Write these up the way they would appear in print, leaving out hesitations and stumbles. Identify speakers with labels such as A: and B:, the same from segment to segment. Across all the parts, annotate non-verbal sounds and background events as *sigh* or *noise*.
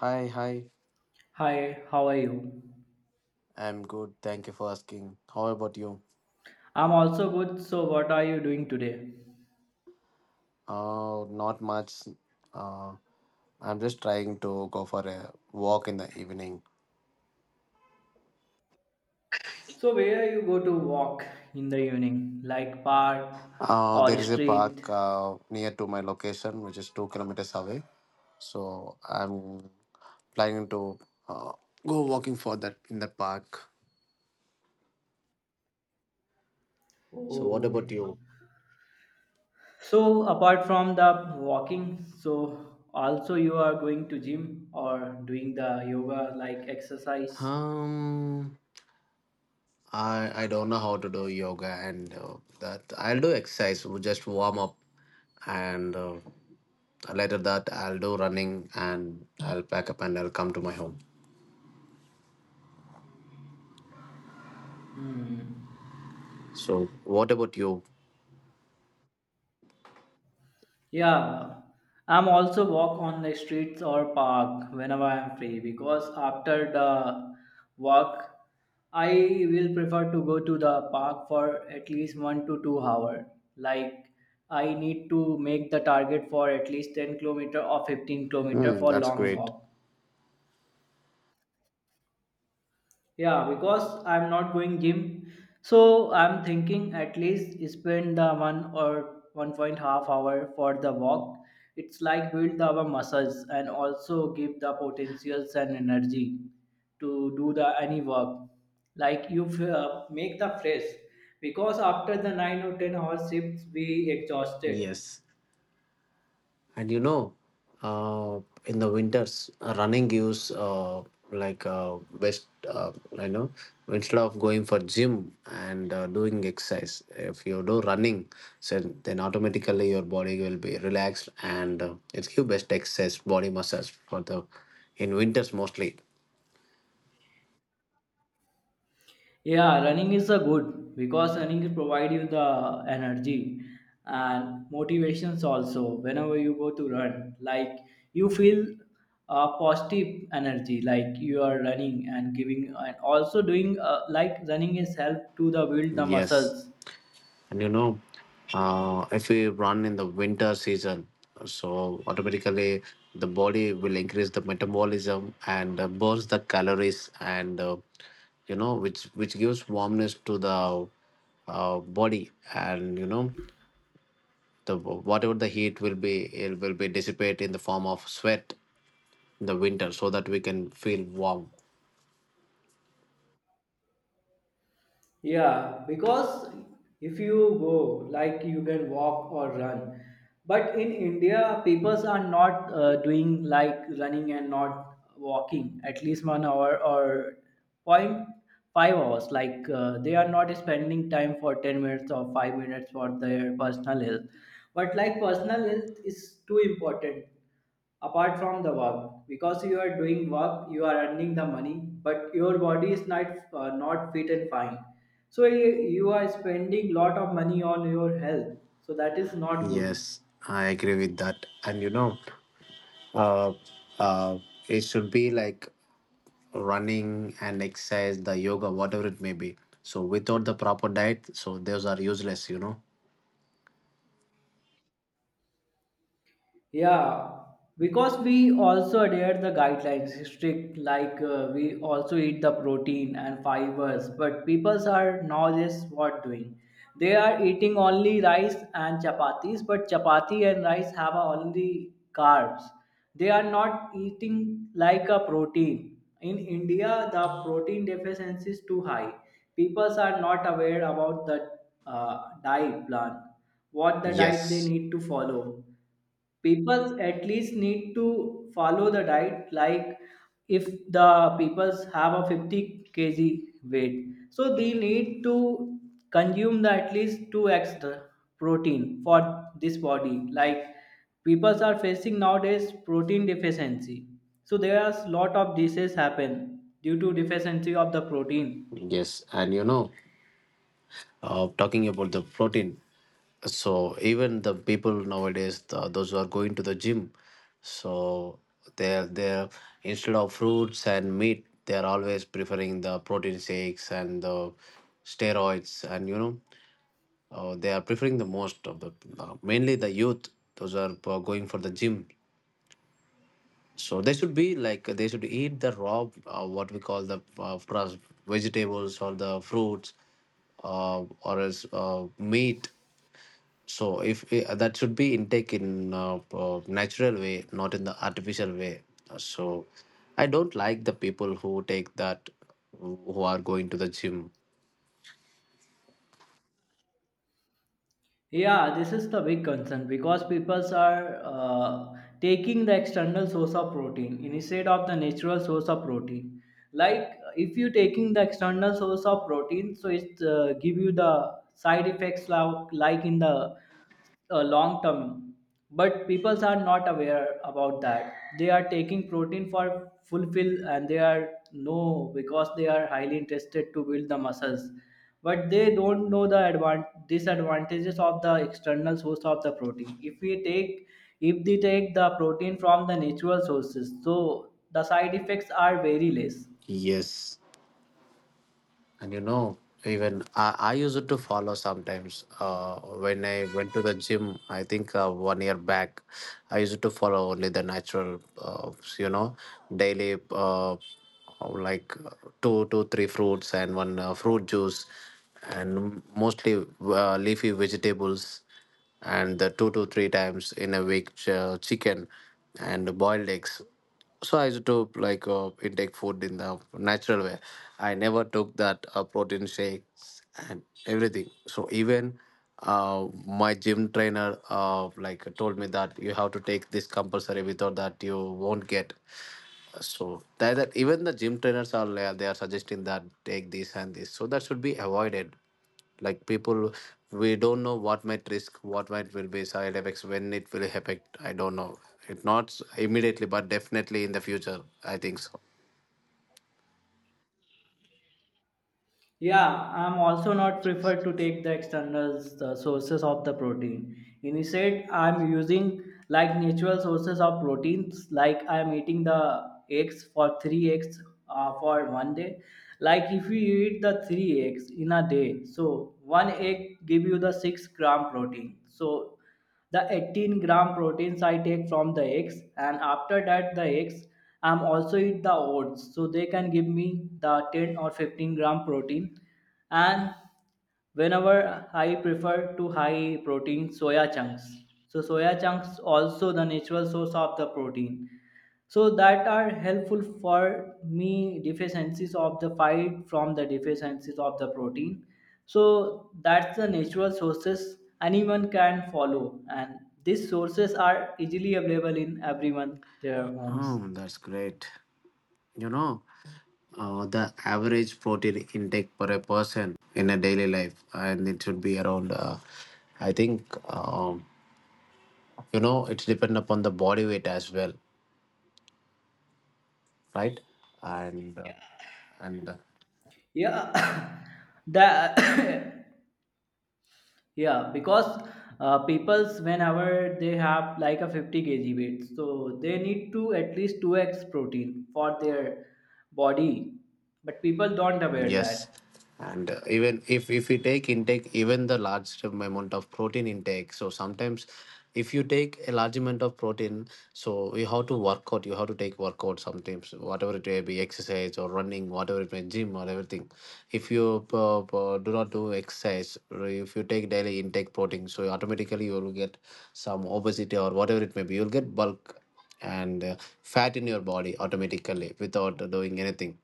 A: Hi, hi.
B: Hi, how are you?
A: I'm good. Thank you for asking. How about you?
B: I'm also good. So, what are you doing today?
A: Not much. Uh, I'm just trying to go for a walk in the evening.
B: So, where you go to walk in the evening, like park
A: Uh,
B: or
A: there is a
B: street?
A: park near to my location, which is 2 kilometers away. So I'm planning to uh, go walking for that in the park. So what about
B: Oh.
A: you?
B: So, apart from the walking, so also you are going to gym or doing the yoga like exercise?
A: Um, I don't know how to do yoga and that I'll do exercise. We'll just warm up and later that I'll do running, and I'll pack up and I'll come to my home.
B: Hmm.
A: So what about you?
B: Yeah, I'm also walk on the streets or park whenever I'm free because after the walk, I will prefer to go to the park for at least 1 to 2 hour. Like I need to make the target for at least 10 kilometer or 15 kilometer
A: Hmm,
B: for
A: that's
B: long
A: great.
B: walk. Yeah, because I'm not going gym. So I'm thinking at least spend the 1 or 1 point half hour for the walk. It's like build our muscles and also give the potentials and energy to do the any work. Like you make the fresh because after the 9 or 10 hour shifts we exhausted.
A: Yes, and you know, uh, in the winters, running gives like best. Instead of going for gym and doing exercise, if you do running, so then automatically your body will be relaxed, and it gives best exercise, body massage for the in winters mostly.
B: Yeah, running is a good because running provide you the energy and motivations also. Whenever you go to run, like you feel a positive energy, like you are running and giving, and also doing like running is help to the build the
A: Yes,
B: muscles.
A: and if we run in the winter season, so automatically the body will increase the metabolism and burns the calories, and which gives warmness to the body, and the whatever the heat will be, it will be dissipate in the form of sweat in the winter, so that we can feel warm.
B: Yeah, because if you go, like you can walk or run. But in India, people are not doing like running and not walking at least 1 hour or point 5 hours. Like they are not spending time for 10 minutes or 5 minutes for their personal health. But like personal health is too important apart from the work because you are doing work, you are earning the money, but your body is not not fit and fine, so you are spending lot of money on your health, so that is not good.
A: Yes, I agree with that, and uh, uh, it should be like running and exercise, the yoga, whatever it may be. So without the proper diet, so those are useless.
B: Yeah, because we also adhere the guidelines strict like we also eat the protein and fibers, but people are nowadays what doing? They are eating only rice and chapatis, but chapati and rice have only carbs. They are not eating like a protein. In India, the protein deficiency is too high. People are not aware about the diet plan, what the diet they
A: Yes,
B: need to follow. People at least need to follow the diet like if the people have a 50 kg weight, so they need to consume the at least two extra protein for this body, like people are facing nowadays protein deficiency, so there are lot of diseases happen due to deficiency of the protein.
A: yes, Talking about the protein, so even the people nowadays, those who are going to the gym, so they're instead of fruits and meat, they're always preferring the protein shakes and the steroids, and they are preferring the most of the mainly the youth. Those are going for the gym. So they should be like they should eat the raw, what we call the vegetables or the fruits, or as meat. So if that should be intake in natural way, not in the artificial way. So I don't like the people who take that, who are going to the gym.
B: Yeah, this is the big concern because people are taking the external source of protein instead of the natural source of protein. Like if you taking the external source of protein, so it give you the side effects like in the long term, but people are not aware about that. They are taking protein for fulfill and they are no because they are highly interested to build the muscles, but they don't know the disadvantages of the external source of the protein if we take, if they take the protein from the natural sources, so the side effects are very less.
A: Yes. And even I used to follow sometimes when I went to the gym. I think one year back I used to follow only the natural you know daily, like two to three fruits and one fruit juice, and mostly leafy vegetables, and the two to three times in a week chicken and boiled eggs. So I used to like intake food in the natural way. I never took that protein shakes and everything. So even my gym trainer like told me that you have to take this compulsory, without that you won't get. So that even the gym trainers are they are suggesting that take this and this, so that should be avoided. Like people, we don't know what might risk, what might will be side effects, when it will affect, I don't know. It not immediately, but definitely in the future, I think so.
B: Yeah, I'm also not preferred to take the external sources of the protein. Instead, I'm using like natural sources of proteins, like I'm eating the eggs for three eggs for one day. Like if you eat the three eggs in a day, so one egg give you the 6 gram protein. So the 18-gram proteins I take from the eggs, and after that the eggs, I'm also eat the oats, so they can give me the 10 or 15-gram protein. And whenever I prefer to high protein soya chunks. So soya chunks also the natural source of the protein. So that are helpful for me deficiencies of the fight from the deficiencies of the protein. So that's the natural sources anyone can follow, and these sources are easily available in everyone their homes.
A: Oh, that's great. You know uh, the average protein intake per a person in a daily life, and it should be around I think, it's depend upon the body weight as well, right? and Yeah. and
B: Yeah, *coughs* that *coughs* yeah, because people's whenever they have like a 50 kg weight, so they need to at least 2x protein for their body. But people don't aware
A: Yes,
B: that.
A: and even if you take intake even the large amount of protein intake, so sometimes if you take a large amount of protein, so you have to work out. You have to take workout sometimes, whatever it may be, exercise or running, whatever it may gym or everything. If you do not do exercise, or if you take daily intake protein, so automatically you will get some obesity or whatever it may be. You'll get bulk and fat in your body automatically without doing anything.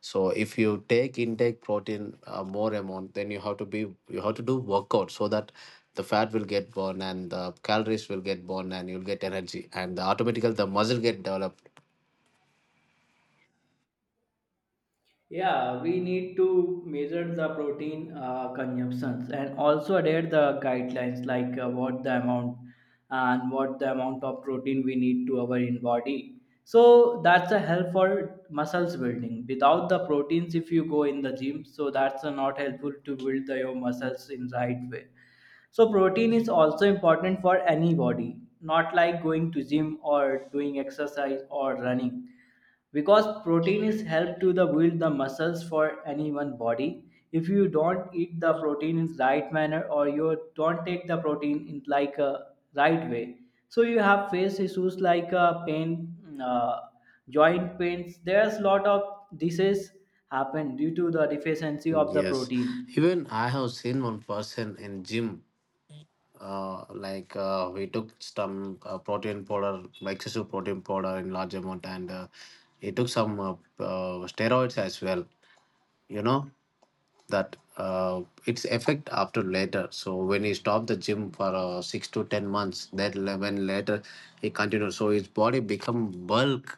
A: So if you take intake protein more amount, then you have to do workout, so that the fat will get burned and the calories will get burned, and you'll get energy, and the automatically the muscle get developed.
B: Yeah, we need to measure the protein consumptions and also adhere the guidelines like what the amount and what the amount of protein we need to our in body. So that's a help for muscles building. Without the proteins, if you go in the gym, so that's not helpful to build the, your muscles in right way. So protein is also important for any body, not like going to gym or doing exercise or running because protein is help to the build the muscles for anyone body. If you don't eat the protein in right manner or you don't take the protein in like a right way, so you have face issues like pain joint pains, there's lot of disease happen due to the deficiency of the
A: Yes,
B: protein.
A: even I have seen one person in gym. Like we took some protein powder, excessive protein powder, in large amount, and he took some steroids as well. You know that its effect after later. So when he stopped the gym for 6 to 10 months, when later he continued, so his body become bulk,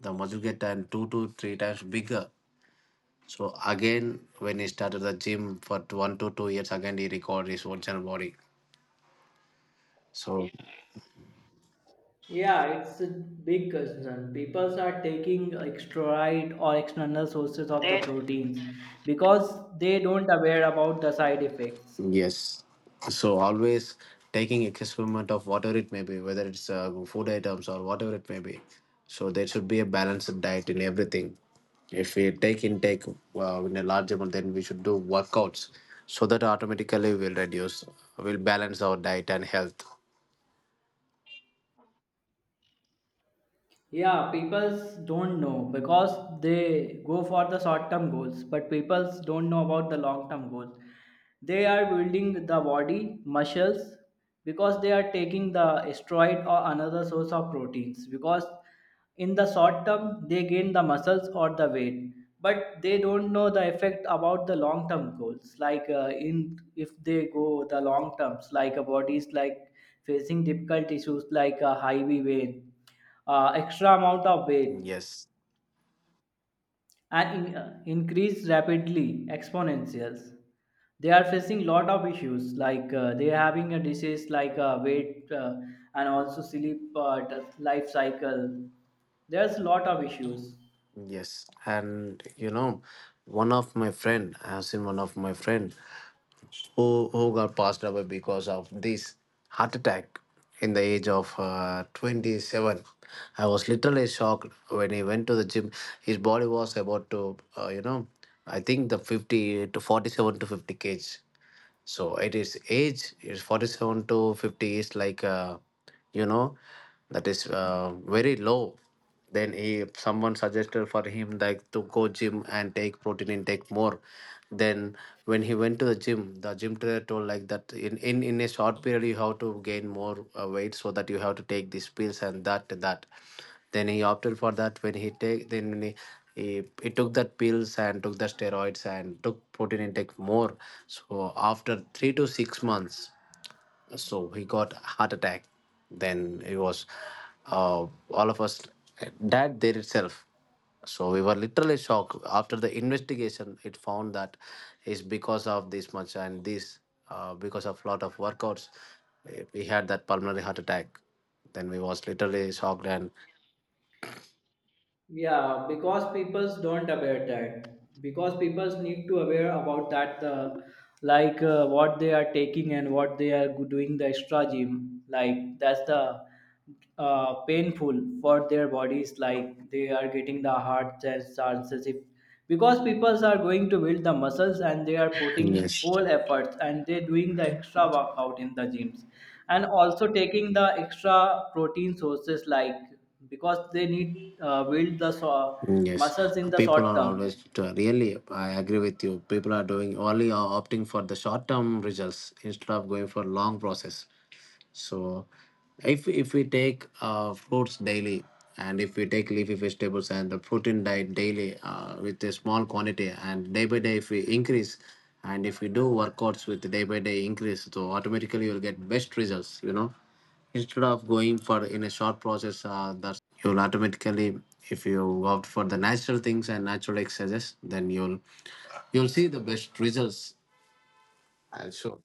A: the muscle get and two to three times bigger. So again, when he started the gym for 1 to 2 years, again he recovered his original body. So.
B: Yeah, it's a big concern. People are taking extrovert or external sources of the proteins because they don't aware about the side effects.
A: Yes. So always taking experiment of whatever it may be, whether it's food items or whatever it may be. So there should be a balanced diet in everything. If we take intake in a large amount, then we should do workouts, so that automatically we'll reduce, we'll balance our diet and health.
B: Yeah, people don't know because they go for the short term goals, but people don't know about the long term goals. They are building the body muscles because they are taking the steroid or another source of proteins because in the short term they gain the muscles or the weight, but they don't know the effect about the long term goals like in if they go the long terms like a body is like facing difficult issues like a high V weight extra amount of weight
A: Yes,
B: and in, increase rapidly exponentials. They are facing lot of issues like they are having a disease like weight and also sleep life cycle, there's lot of issues.
A: yes, one of my friend, I've seen one of my friend who got passed away because of this heart attack in the age of 27. I was literally shocked when he went to the gym. His body was about to uh, you know I think the 50 to 47 to 50 kgs. So it is age is 47 to 50 is like you know that is very low. Then he someone suggested for him like to go gym and take protein intake more. Then when he went to the gym trainer told like that in a short period you have to gain more weight, so that you have to take these pills, and that then he opted for that when he take then when he took that pills and took the steroids and took protein intake more. So after 3 to 6 months, so he got heart attack. Then it was uh, all of us died there itself. So we were literally shocked. After the investigation, it found that is because of this much and this, because of lot of workouts, we had that pulmonary heart attack. Then we was literally shocked and
B: Yeah, because people don't aware that because people need to aware about that like what they are taking and what they are doing the extra gym, like that's the painful for their bodies, like they are getting the heart chances because people are going to build the muscles and they are putting
A: yes.
B: whole efforts and they doing the extra workout in the gyms and also taking the extra protein sources like because they need build the
A: Mm, yes,
B: muscles in the
A: people
B: short
A: are
B: term.
A: always really. I agree with you. People are doing only opting for the short term results instead of going for long process. So, if we take fruits daily, and if we take leafy vegetables and the protein diet daily with a small quantity, and day by day if we increase, and if we do workouts with day by day increase, so automatically you'll get best results. Instead of going for in a short process, that you'll automatically, if you opt for the natural things and natural exercises, then you'll see the best results. Sure.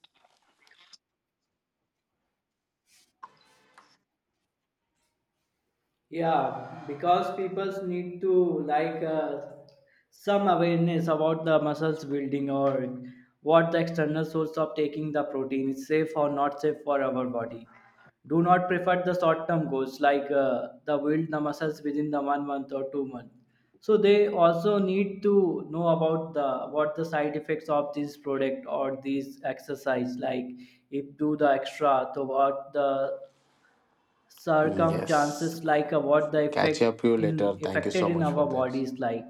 B: Yeah, because people need to like some awareness about the muscles building or what the external source of taking the protein is safe or not safe for our body. Do not prefer the short-term goals like the build the muscles within the 1 month or 2 months. So they also need to know about the what the side effects of this product or this exercise like if do the extra so what the
A: Yes.
B: circumstances like
A: And
B: what the
A: catch
B: effect
A: up you later.
B: in
A: Thank you so
B: affected in
A: much for
B: our
A: this.
B: bodies like